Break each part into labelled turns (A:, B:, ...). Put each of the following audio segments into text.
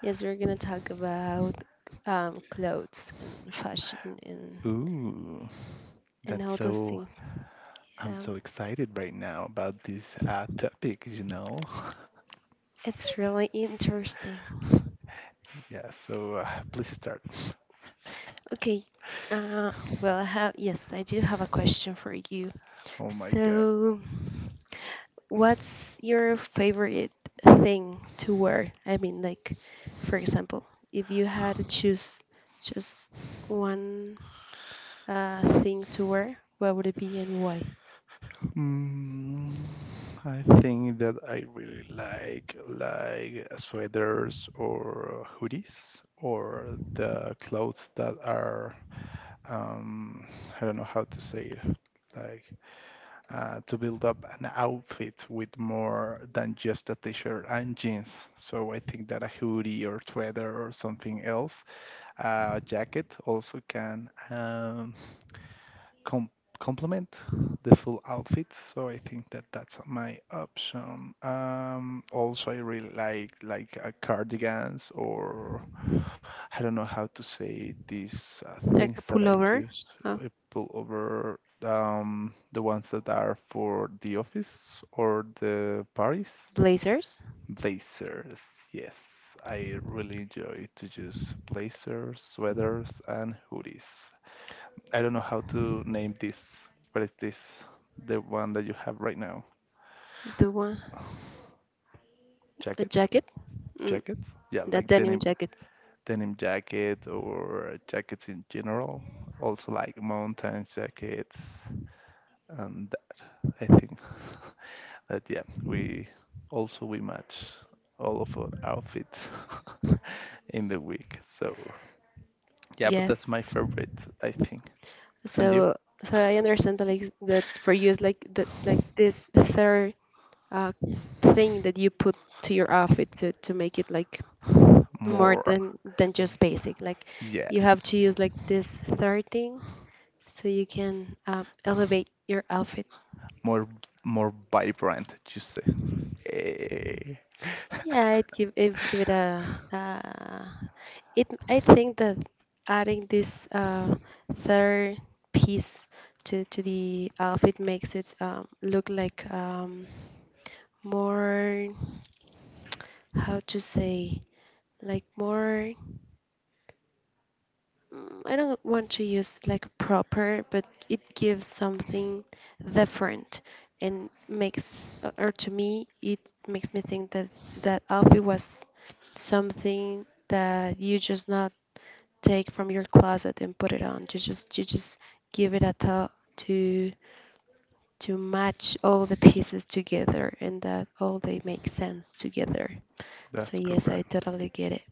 A: Yes, we're gonna talk about clothes and fashion and all those things. Yeah, it's really interesting. Okay. Uh, well, I have yes, I do have a question for you. So, what's your favorite thing to wear? I mean, like, for example, if you had to choose just one thing to wear, what would it be and why? Like a pullover, uh, blazers, the one, a jacket, mm, that denim jacket. Yes. So, so, I understand that, like that for you is like that like this third uh, thing that you put to your outfit to make it like more than just basic. Like you have to use like this third thing so you can elevate your outfit. Yeah, it give it give it a It, I think that adding this third piece to the outfit makes it look like more, how to say, like more, I don't want to use like proper, but it gives something different and makes, or to me, it makes me think that that outfit was something that you just not take from your closet and put it on. You just give it a thought to to match all the pieces together and that all they make sense together. So
B: That's
A: yes, I
B: correct.
A: totally get it.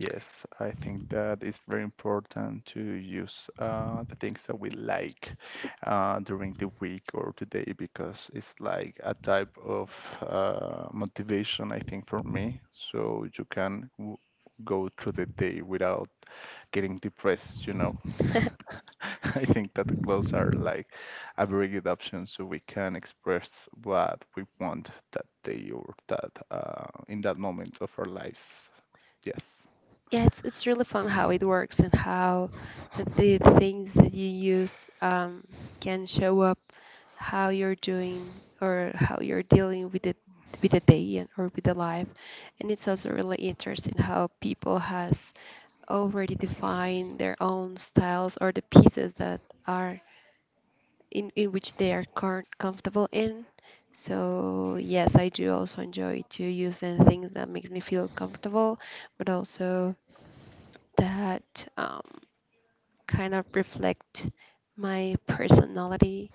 B: Yes, I think that it's very important to use the things that we like during the week or today because it's like a type of motivation, I think, for me. So you can w go through the day without getting depressed. I think that the clothes are like a very good option so we can express what we want that day or that in that moment of our lives. Yes.
A: Yeah, it's really fun how it works and how the things that you use can show up how you're doing or how you're dealing with it with the day and or with the life and it's also really interesting how people has already define their own styles or the pieces that are in which they are comfortable in. So yes, I do also enjoy to use in things that makes me feel comfortable, but also that kind of reflect my personality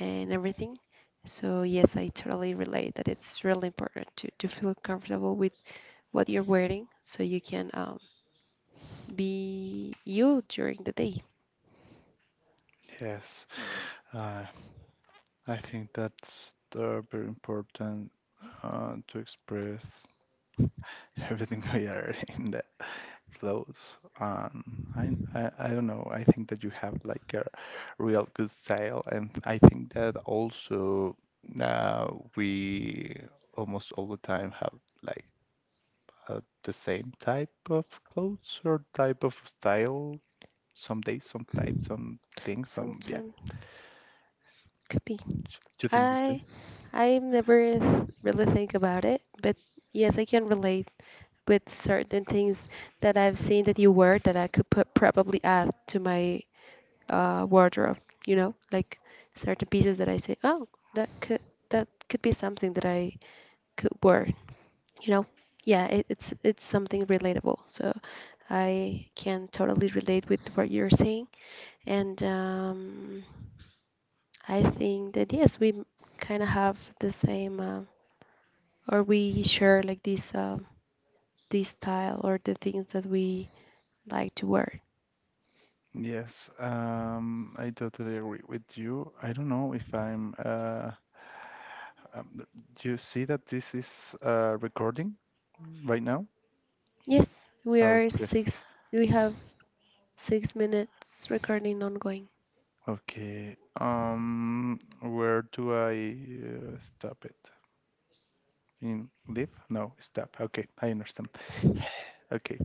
A: and everything. So yes, I totally relate that it's really important to feel comfortable with what you're wearing so you can be you during the day.
B: Yes, uh, I think that's very important to express everything we are in the clothes. I don't know. I think that you have like a real good style, and I think that also uh, we almost all the time have like the same type of clothes or type of style. Some days, some type, some things, some yeah.
A: Sometimes Could be.
B: Do you think the same?
A: I I never really think about it, but yes, I can relate with certain things that I've seen that you wear that I could put probably add to my wardrobe. You know, like certain pieces that I say, oh, that could that could be something that I could wear. You know, yeah, it's something relatable. So I can totally relate with what you're saying, and I think that yes, we kind of have the same, or we share like this, this style or the things that we like to wear.
B: Yes, I totally agree with you. I don't know if I'm. Um, th- do you see that this is recording right now?
A: Yes, we are
B: Okay.
A: six. We have 6 minutes recording ongoing.
B: Okay. Where do I stop it? In leave? No, stop. Okay, I understand. Okay,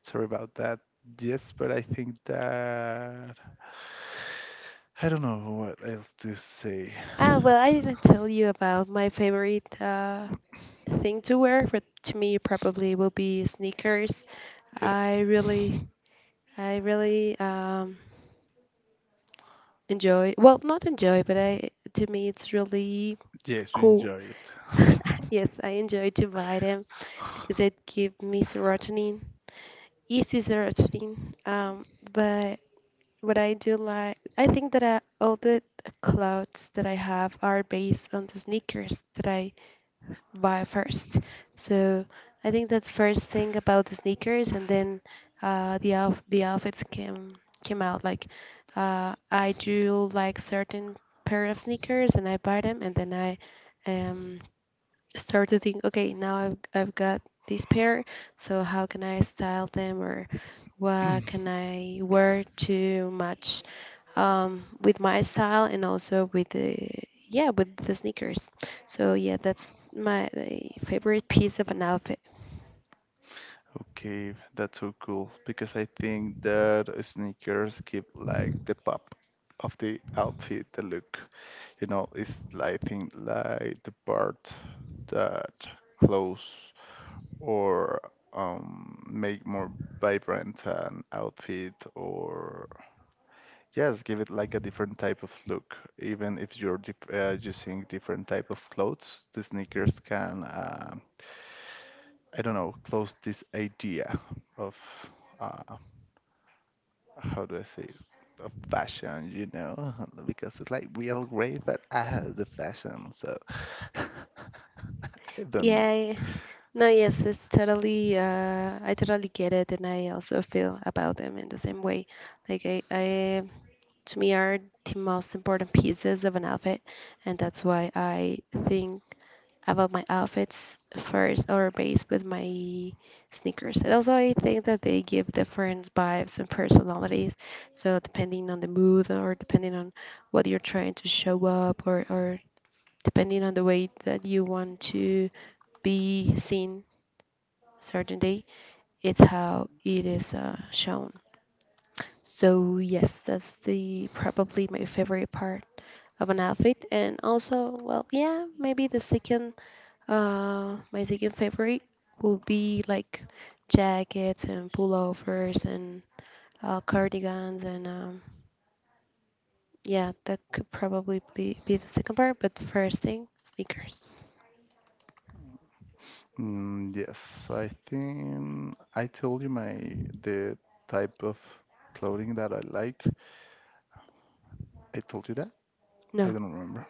B: sorry about that. Yes, but I think that I don't know what else to say.
A: Ah, well, I didn't tell you about my favorite thing to wear, but to me probably will be sneakers.
B: Yes,
A: I really, I really enjoy. Well, not enjoy, but I to me it's really
B: yes, you
A: cool
B: enjoy it.
A: Yes, I enjoy to buy them because it give me serotonin, easy serotonin. But what I do like, I think that all the clothes that I have are based on the sneakers that I buy first. So I think that first thing about the sneakers, and then the outf the outfits came out. Like I do like certain pair of sneakers, and I buy them, and then I um start to think, okay, now I've got this pair, so how can I style them or what can I wear to match with my style and also with the yeah with the sneakers. So yeah, that's my the favorite piece of an outfit.
B: Okay, that's so cool because I think that sneakers give like the pop of the outfit, the look. You know, it's like I think like the part that clothes or make more vibrant an outfit or yes, give it like a different type of look. Even if you're using different type of clothes, the sneakers can I don't know, close this idea of. Uh, how do I say of fashion, you know, because it's like real great, but I has the fashion, so I don't know.
A: Yeah, no, yes, it's totally. I totally get it, and I also feel about them in the same way. Like I to me are the most important pieces of an outfit and that's why I think about my outfits first or based with my sneakers and also I think that they give different vibes and personalities so depending on the mood or depending on what you're trying to show up or depending on the way that you want to be seen certain day it's how it is shown so yes, that's the probably my favorite part of an outfit, and also, well, yeah, maybe the second, my second favorite would be like jackets and pullovers and cardigans, and yeah, that could probably be the second part. But the first thing, sneakers.
B: Mm, yes, so I think I told you my the type of clothing that I like. I told you that. I
A: No,
B: don't remember.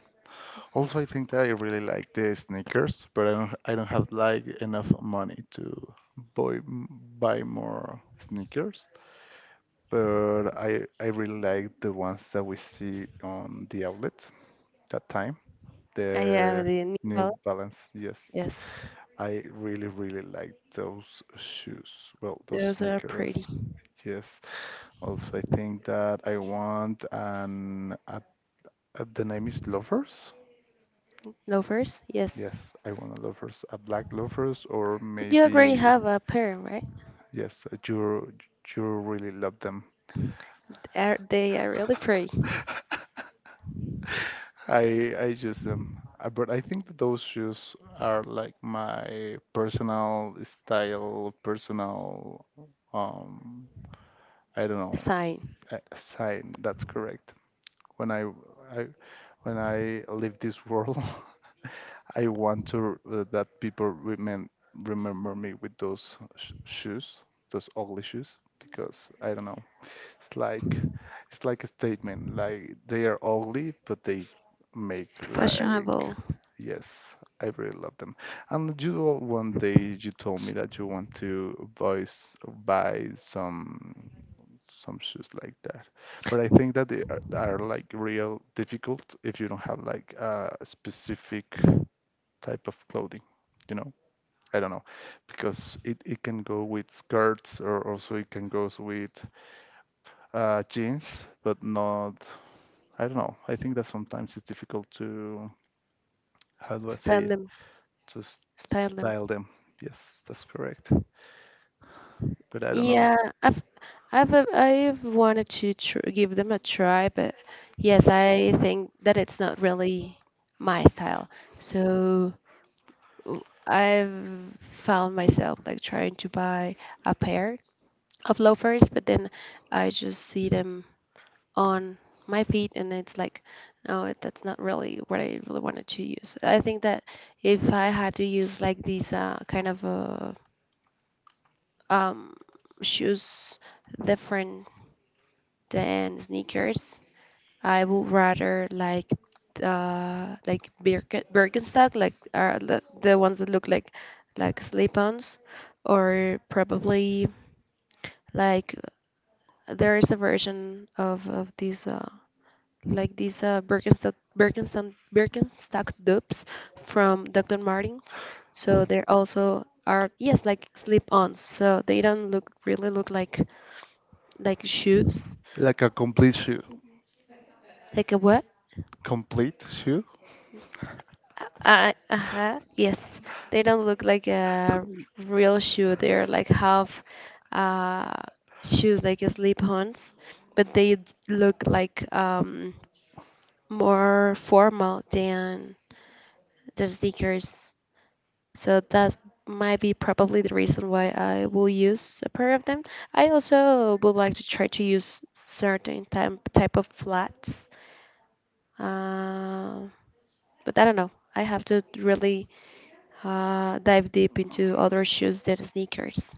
B: Also, I think that I really like the sneakers, but I don't have like enough money to buy m- buy more sneakers. But I really like the ones that we see on the outlet. That time,
A: I
B: the
A: have the New
B: New
A: Balance.
B: Balance. Yes,
A: Yes,
B: I really, really like those shoes. Well, those
A: those are pretty.
B: sneakers. Yes. Also, I think that I want an the name is Lovers.
A: Loafers, yes,
B: Yes, I want a Lovers, a black Lovers, or
A: but you already
B: maybe
A: have a pair, right?
B: yes, a you you really love them.
A: They are really pretty.
B: I use them. But I think that those shoes are like my personal style, personal um I don't know,
A: Sign.
B: a sign. That's correct. When I, I when I leave this world, I want to that people remember me with those sh shoes, those ugly shoes, because I don't know. It's like it's like a statement. Like they are ugly, but they make like
A: Fashionable.
B: yes, I really love them. And one day you told me that you want to voice buy some shoes like that. But I think that are like real difficult if you don't have like a specific type of clothing, you know? I don't know because it can go with skirts or also it can go with jeans, but not. I don't know. I think that sometimes it's difficult to how do I say
A: Style
B: it
A: them.
B: to
A: Style them.
B: style them. Yes, that's correct. But I don't know.
A: Yeah, i've I've wanted to give them a try but yes I think that it's not really my style so I've found myself like trying to buy a pair of loafers but then I just see them on my feet and it's like no that's not really what I really wanted to use I think that if I had to use like these kind of um, shoes different than sneakers. I would rather like Birkenstock, like the ones that look like slip-ons, or probably like there is a version of these like these Birkenstock dupes from Dr. Martens. So they're also are yes like slip-ons. So they don't look really look like shoes,
B: Like a complete shoe,
A: like a what?
B: complete shoe.
A: Uh-huh, yes, they don't look like a real shoe. They're like half uh, shoes, like slip-ons, but they look like more formal than the sneakers. So that might be probably the reason why I will use a pair of them. I also would like to try to use certain type of flats. Um But I don't know. I have to really dive deep into other shoes than sneakers.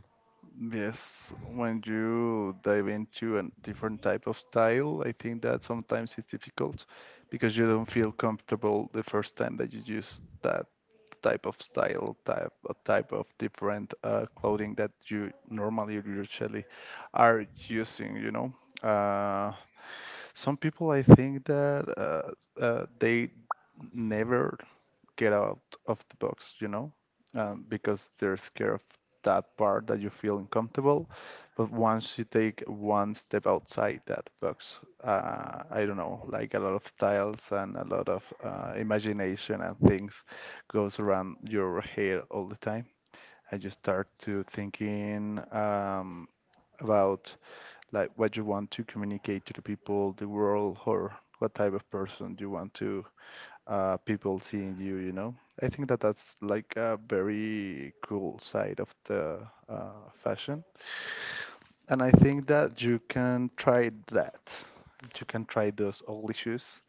B: Yes, when you dive into a different type of style, I think that sometimes it's difficult because you don't feel comfortable the first time that you use that type of style, type of different clothing that you normally usually are using, you know. Uh, some people, I think that they never get out of the box, you know, because they're scared of that part that you feel uncomfortable. But once you take one step outside that box, I don't know, like a lot of styles and a lot of imagination and things goes around your head all the time, and you start to thinking about like what you want to communicate to the people, the world, or what type of person you want to people seeing you. You know, I think that that's like a very cool side of the fashion, and I think that you can try that. You can try those old issues,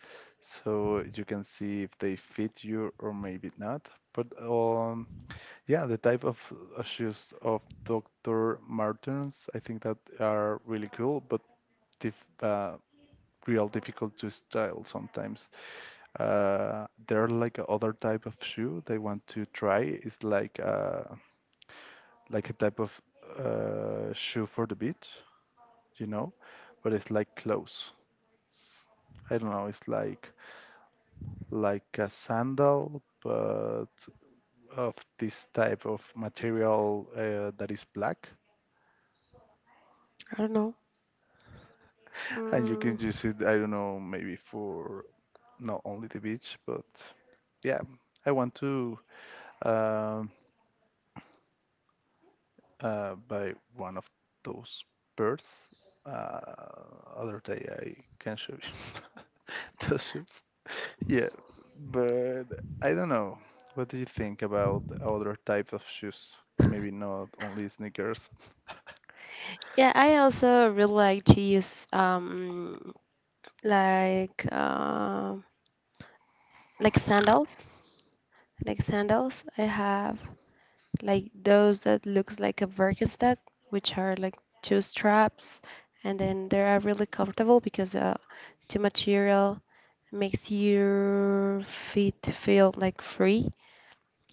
B: so you can see if they fit you or maybe not. But yeah, the type of shoes of Dr. Martens, I think that are really cool, but dif- uh, real difficult to style sometimes. There are like other type of shoe they want to try. It's like a type of shoe for the beach, you know, but it's like clothes. I don't know. It's like a sandal, but of this type of material that is black,
A: I don't know.
B: and you
A: Mm.
B: can use it. I don't know, maybe for not only the beach, but yeah, I want to. Um by one of those birds. Uh, other day I can show you those shoes. Yeah, but I don't know. What do you think about other types of shoes? Maybe not only sneakers.
A: Yeah, I also really like to use like uh, like sandals, like sandals. I have like those that looks like a Birkenstock, which are like two straps, and then they are really comfortable because the material makes your feet feel like free.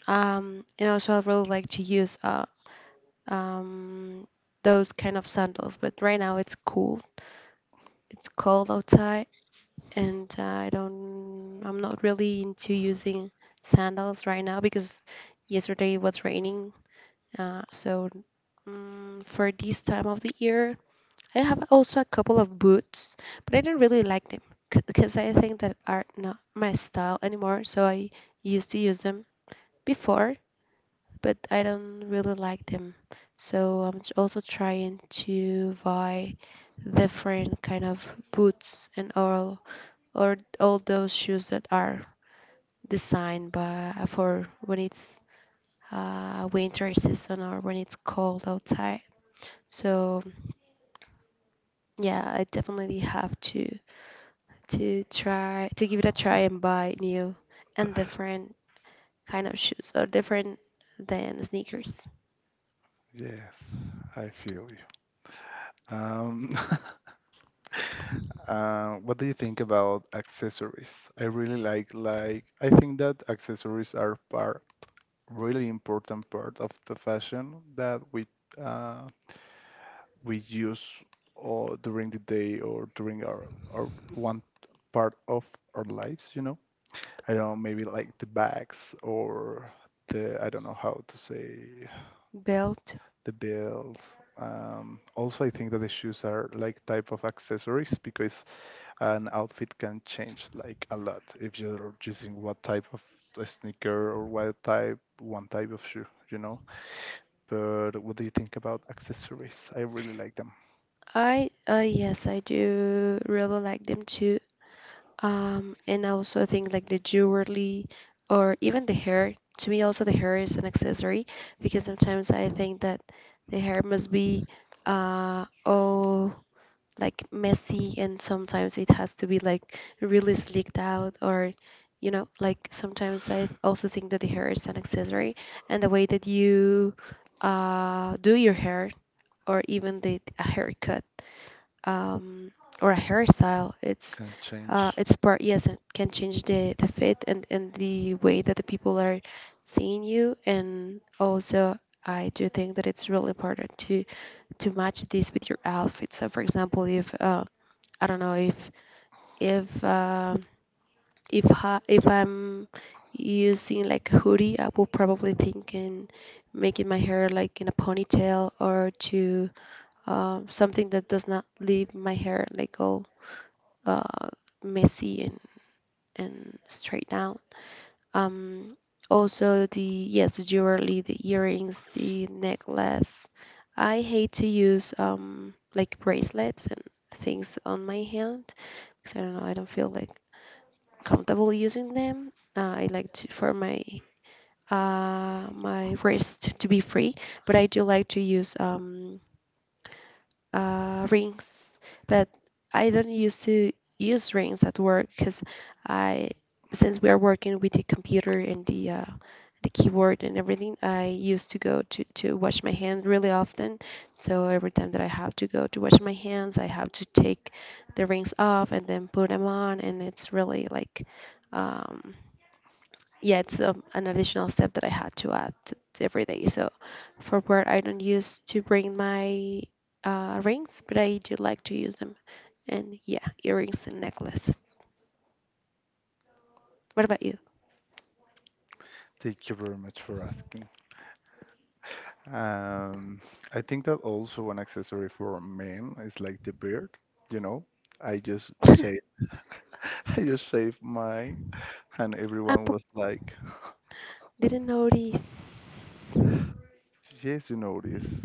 A: And also, I really like to use um, those kind of sandals. But right now, it's cool. It's cold outside, and I don't. I'm not really into using sandals right now because yesterday it was raining. Uh, so for this time of the year, I have also a couple of boots, but I don't really like them because I think that are not my style anymore. So I used to use them before but I don't really like them. So also trying to buy different kind of boots and all or all those shoes that are designed by for when it's winter season or when it's cold outside. So yeah, I definitely have to try to give it a try and buy new and different kind of shoes or different than sneakers.
B: Yes, I feel you. Um, what do you think about accessories? I really like I think that accessories are part really important part of the fashion that uh, we use during the day or during our one part of our lives, you know? I don't know, maybe like the bags or the, I don't know how to say,
A: Belt.
B: the belt. Also, I think that the shoes are like type of accessories because an outfit can change like a lot if you're choosing what type of a sneaker or what type, one type of shoe, you know? But what do you think about accessories? I really like them.
A: I yes, I do really like them too. And I also think like the jewelry or even the hair. To me, also the hair is an accessory because sometimes I think that the hair must be uh oh like messy and sometimes it has to be like really sleeked out or you know like sometimes I also think that the hair is an accessory and the way that you do your hair or even the a haircut um, or a hairstyle.
B: Can change.
A: It's part yes, it can change the fit and the way that the people are seeing you. And also, I do think that it's really important to match this with your outfit. So, for example, if I don't know if if um if I'm using like a hoodie, I will probably think in making my hair like in a ponytail or to something that does not leave my hair like all uh, messy and straight down. Um, also the yes, the jewelry, the earrings, the necklace. I hate to use like bracelets and things on my hand because I don't know, I don't feel like comfortable using them. I like to for my my wrist to be free, but I do like to use rings, but I don't used to use rings at work because I, since we are working with the computer and the keyboard and everything, I used to go to wash my hand really often. So every time that I have to go to wash my hands, I have to take the rings off and then put them on, and it's really like. Um, yeah, it's an additional step that I had to add to every day. So for work, I don't use to bring my rings, but I do like to use them. And yeah, earrings and necklaces. What about you?
B: Thank you very much for asking. Um, I think that also one accessory for men is like the beard, you know. I just say I just shaved mine and everyone
A: Apple
B: was like,
A: didn't notice
B: Yes, you notice.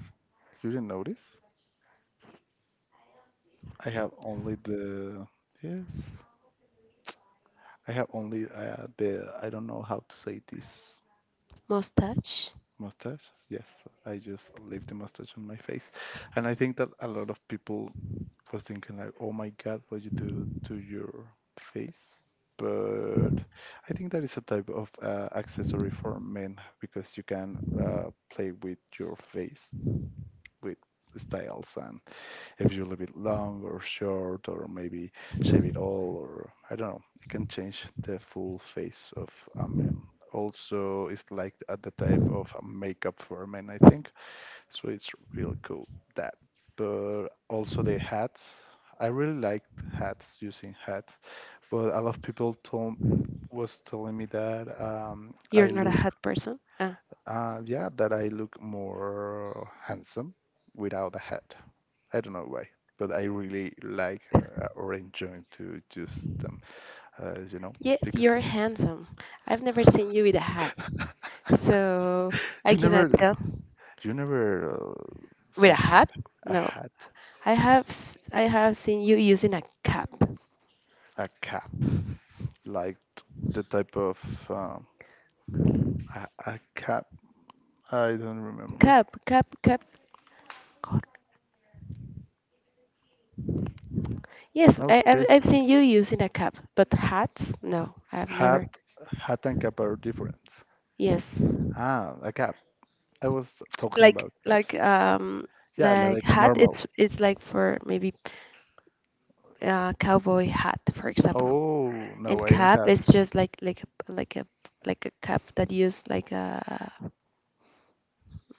B: You didn't notice? I have only the yes. I have only the I don't know how to say this.
A: mustache.
B: Mustache. Yes, I just leave the mustache on my face, and I think that a lot of people was thinking like, "Oh my God, what you do to your face?" But I think that is a type of accessory for men because you can play with your face with styles and if you leave it long or short, or maybe shave it all, or I don't know. You can change the full face of a man. Also, it's like at the type of a makeup for a man, I think. So it's real cool that. But also the hats. I really liked hats, using hats. But a lot of people told was telling me that
A: You're
B: I
A: not a
B: look
A: hat person. Oh.
B: yeah, that I look more handsome without a hat. I don't know why, but I really like or enjoy to use them. You know,
A: Yes,
B: because
A: you're handsome. I've never seen you with a hat, so I
B: you never,
A: cannot tell.
B: you never
A: With a
B: saw me
A: hat?
B: with a
A: No.
B: hat,
A: I have seen you using a cap.
B: a cap, like t- the type of um, a cap. I don't remember.
A: Cap, cap, cap. Yes,
B: Okay,
A: I've seen you using a cap, but hats? No, I've
B: hat,
A: never.
B: hat and cap are different.
A: Yes,
B: Ah, a cap. I was talking
A: like
B: about
A: like
B: caps.
A: um
B: Yeah,
A: like
B: like
A: hat.
B: normal.
A: It's like for maybe cowboy hat, for example.
B: Oh,
A: And
B: no, I don't
A: cap
B: have.
A: is just like a- like a like a cap that use like a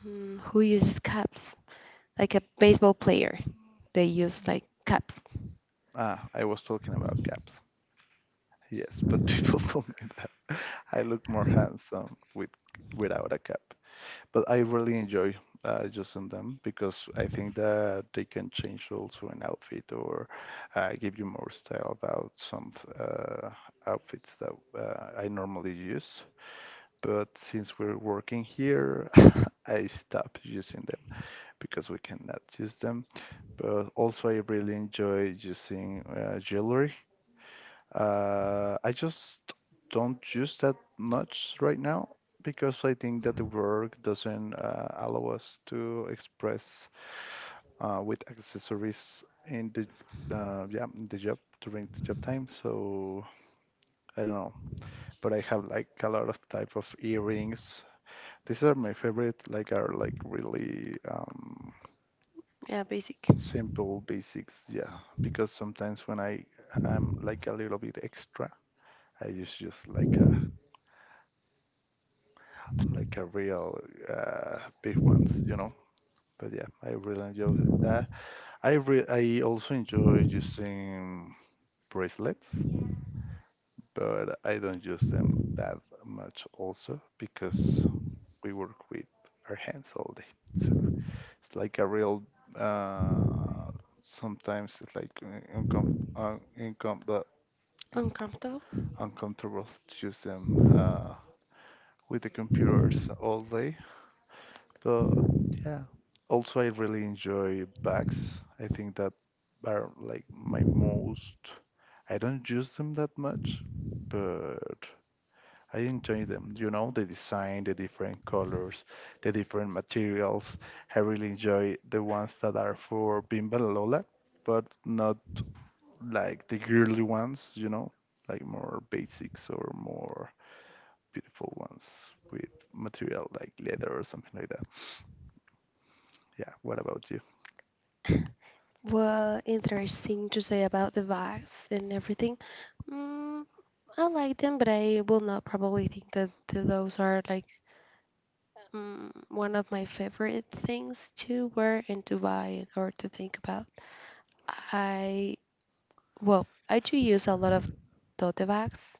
A: mm, who uses caps? Like a baseball player, they use like caps.
B: Ah, I was talking about caps. Yes, but people told me that I look more handsome with without a cap. But I really enjoy using them because I think that they can change also an outfit or give you more style about some uh, outfits that I normally use. But since we're working here, I stopped using them because we cannot use them. But also I really enjoy using jewelry. I just don't use that much right now because I think that the work doesn't allow us to express with accessories in the yeah in the job during the job time. So I don't know, but I have like a lot of type of earrings. These are my favorite. Like are like really.
A: Yeah, basic.
B: Simple basics yeah because sometimes when I am like a little bit extra I use just like a like a real big ones you know but yeah I really enjoy that I also enjoy using bracelets but I don't use them that much also because we work with our hands all day so it's like a real uh sometimes it's like income the
A: Uncomfortable.
B: uncomfortable to use them with the computers all day. But yeah, also I really enjoy bags. I think that are like my most. I don't use them that much, but I enjoy them. You know, the design, the different colors, the different materials. I really enjoy the ones that are for Bimba La Lola, but not like the girly ones. You know, like more basics or more beautiful ones with material like leather or something like that. Yeah, what about you?
A: Well, interesting to say about the bags and everything. Mm, I like them, but I will not probably think that those are like one of my favorite things to wear and to buy or to think about. I, well, I do use a lot of tote bags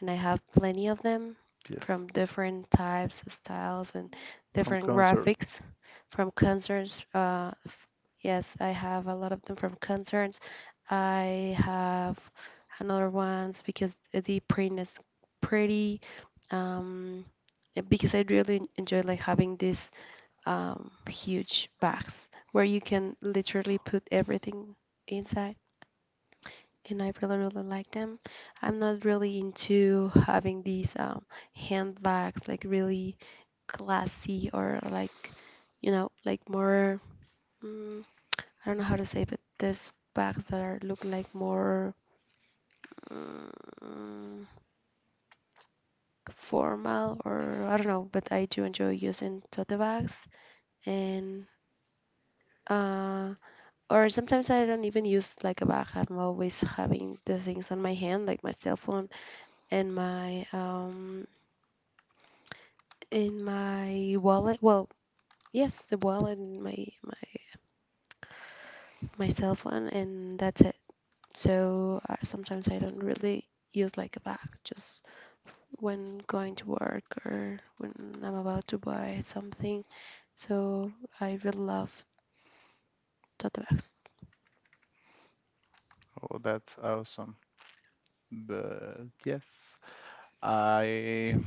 A: and I have plenty of them
B: Yes,
A: from different types, styles, and
B: from
A: different
B: concerts.
A: graphics from concerts. Yes, I have a lot of them from concerts. I have another ones because the print is pretty. Um, because I really enjoy like having these huge bags where you can literally put everything inside and I really, really like them. I'm not really into having these handbags, like really classy or like, you know, like more, mm, I don't know how to say, but these bags that are look like more mm, formal or I don't know, but I do enjoy using tote bags and uh or sometimes I don't even use like a bag. I'm always having the things on my hand, like my cell phone and my in my wallet. Well, yes, the wallet and my cell phone, and that's it. So sometimes I don't really use like a bag, just when going to work or when I'm about to buy something. So I really love tote bags.
B: Oh, that's awesome. But yes, I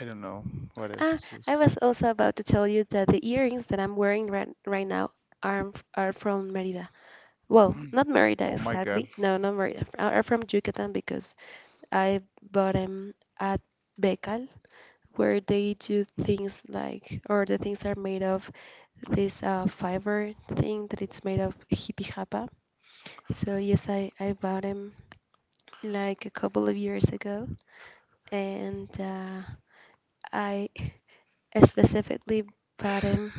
B: I don't know what else
A: Ah,
B: to
A: I
B: say.
A: was also about to tell you that the earrings that I'm wearing right now are from Merida. Well, not Merida
B: Oh my God.
A: exactly. No, not Merida. F- Are from Yucatan because I bought them at Becal, where they do things like, or the things are made of this fiber thing that it's made of hippie hapa. So yes, I bought them like a couple of years ago, and I specifically bought them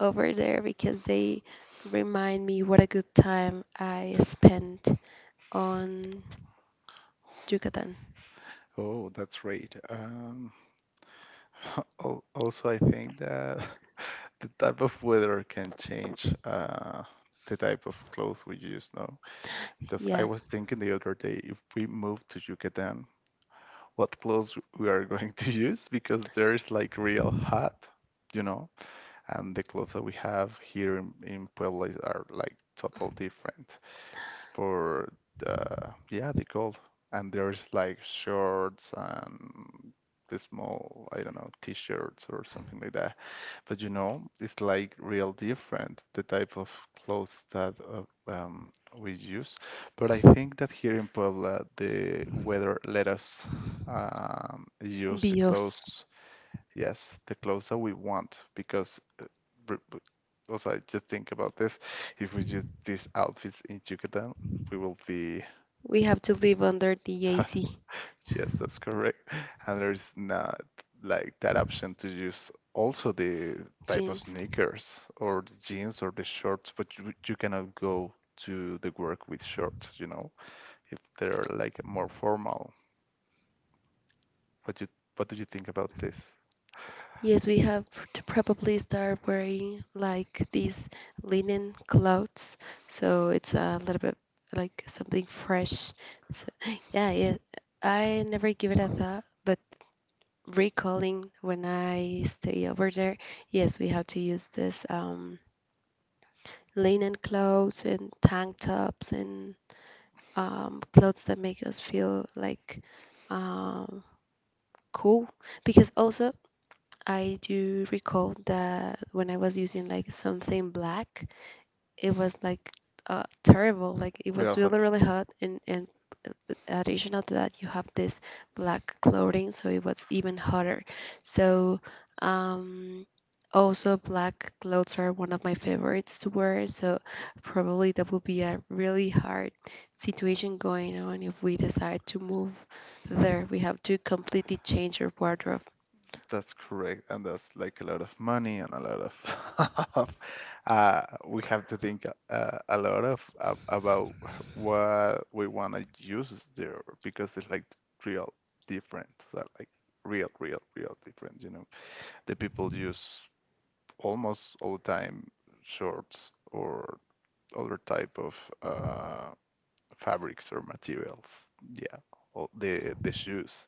A: over there because they remind me what a good time I spent on Yucatan.
B: Oh, that's great. Al- also, I think that the type of weather can change the type of clothes we use, no? Because I
A: Yeah,
B: was thinking the other day if we move to Yucatan, what clothes we are going to use because there's like real hot, you know, and the clubs that we have here in Puebla is- are like total different. It's for the yeah the gold, and there's like shorts and the small I don't know t-shirts or something like that. But you know it's like real different the type of clothes that we use. But I think that here in Puebla the weather let us use the
A: bios.
B: clothes. Yes, the clothes that we want because re- but also I just think about this. If we do these outfits in Yucatan, we will be
A: We have to live under the AC.
B: yes, that's correct. And there's not like that option to use also the type of
A: Jeans.
B: sneakers or the jeans or the shorts, but you cannot go to the work with shorts, you know, if they're like more formal. What you what do you think about this?
A: Yes, we have to probably start wearing like these linen clothes, so it's a little bit like something fresh. So yeah, yeah, I never give it a thought, but recalling when I stay over there, yes, we have to use this linen clothes and tank tops and clothes that make us feel like um, cool, because also I do recall that when I was using like something black, it was like terrible. Like it was
B: Real
A: really,
B: hot.
A: really hot, and additional to that, you have this black clothing, so it was even hotter. So um, also black clothes are one of my favorites to wear. So probably that would be a really hard situation going on if we decide to move there. We have to completely change our wardrobe.
B: That's correct, and that's like a lot of money and a lot of uh, we have to think a lot of about what we want to use there because it's like real different, so like real, real, real different. You know, the people use almost all the time shorts or other type of uh, fabrics or materials. Yeah, all the shoes.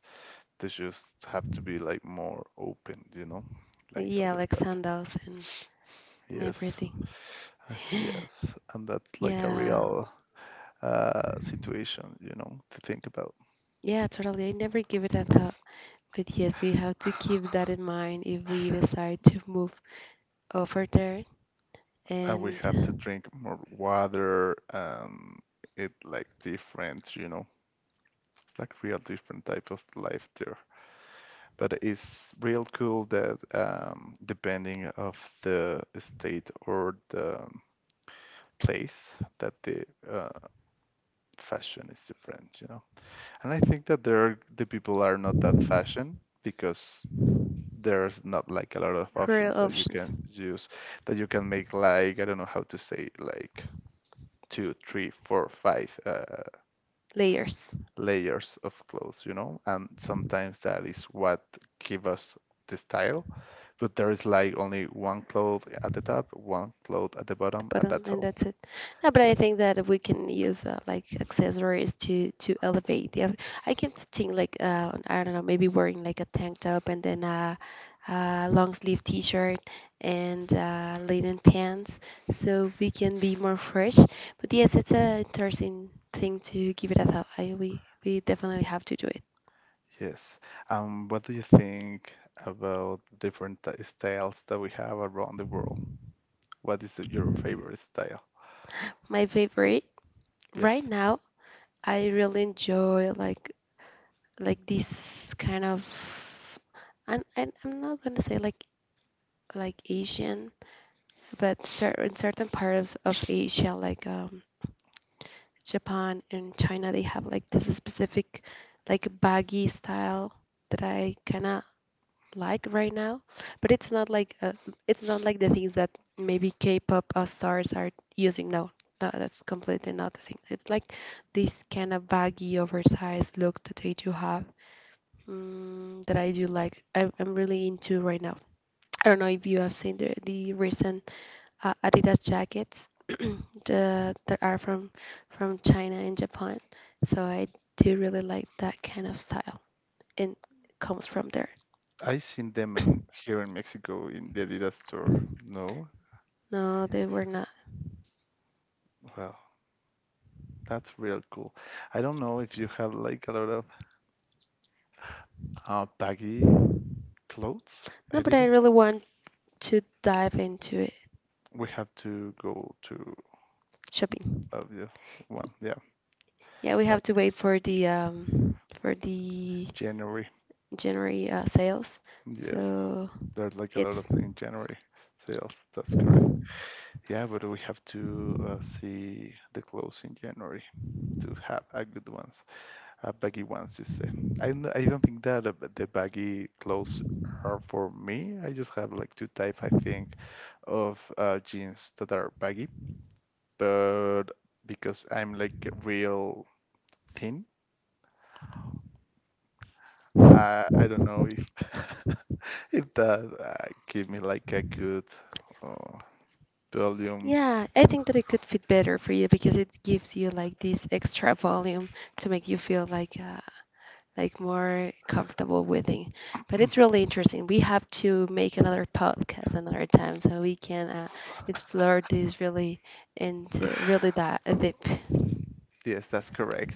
B: They just have to be like more open, you know, like
A: Yeah,
B: other
A: like
B: type.
A: sandals and
B: Yes,
A: everything.
B: yes, and that's like a
A: Yeah,
B: real situation, you know, to think about.
A: yeah, totally. I never give it a thought. But yes, we have to keep that in mind if we decide to move over there
B: And we have to
A: and
B: drink more water and it like different, you know, it's like real different type of life there. But it's real cool that depending of the state or the place that the uh, fashion is different, you know. And I think that there are, the people are not that fashion because there's not like a lot of
A: for
B: options that you can
A: options,
B: use that you can make like I don't know how to say like two, three, four, five
A: layers.
B: layers of clothes, you know? And sometimes that is what give us the style, but there is like only one cloth at the top, one cloth at the
A: The
B: bottom, and
A: bottom
B: that's
A: and
B: all.
A: that's it. No, but I
B: Yes.
A: think that we can use like accessories to elevate the I can think like I don't know, maybe wearing like a tank top and then a long sleeve t-shirt and linen pants, so we can be more fresh. But yes, it's a interesting thing to give it a thought. I, we definitely have to do it.
B: Yes. What do you think about different t- styles that we have around the world? What is your favorite style?
A: My favorite right
B: Yes.
A: now, I really enjoy like this kind of and I'm not gonna say like Asian, but cer in certain parts of Asia, like Japan and China, they have like this specific like baggy style that I kind of like right now. But it's not like the things that maybe K-pop stars are using. No, no, that's completely not the thing. It's like this kind of baggy, oversized look that they do have mm, that I do like. I'm really into right now. I don't know if you have seen the recent Adidas jackets the, that are from China and Japan. So I do really like that kind of style and comes from there.
B: I seen them in here in Mexico in the Adidas store. No?
A: No, they were not.
B: Well, that's real cool. I don't know if you have like a lot of baggy clothes.
A: No,
B: I
A: but I
B: didn't. S-
A: really want to dive into it.
B: We have to go to
A: Shopping.
B: yeah, one. Yeah,
A: Yeah, we
B: like
A: have to wait for the
B: January.
A: January sales.
B: Yes,
A: So
B: there's like a lot of
A: it's
B: in January sales. That's correct. Yeah, but we have to see the clothes in January to have a good one. Baggy ones, you say. I, n- I don't think that the baggy clothes are for me. I just have like two type, I think, of jeans that are baggy. But because I'm like real thin, I don't know if if that give me like a good uh, volume.
A: Yeah, I think that it could fit better for you because it gives you like this extra volume to make you feel like more comfortable with it. But it's really interesting. We have to make another podcast another time so we can explore this really into really that deep.
B: Yes, that's correct.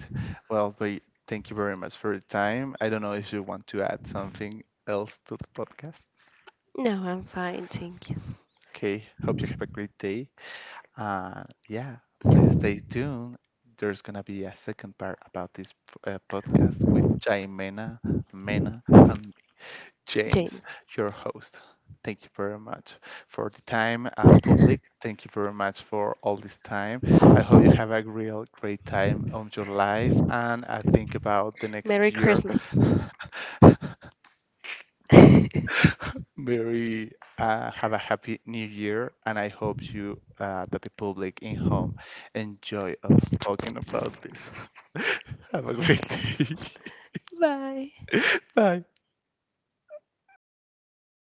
B: Well, but thank you very much for your time. I don't know if you want to add something else to the podcast.
A: No, I'm fine, thank you,
B: Okay, hope you have a great day. Uh, yeah, please stay tuned. There's gonna be a second part about this podcast with Jaimena, Mena, and James,
A: James.
B: your host. Thank you very much for the time, public. Thank you very much for all this time. I hope you have a real great time on your life, and I think about the next
A: Merry
B: year.
A: Christmas.
B: Very have a happy new year, and I hope you that the public in home enjoy us talking about this. Have a great day.
A: Bye.
B: Bye.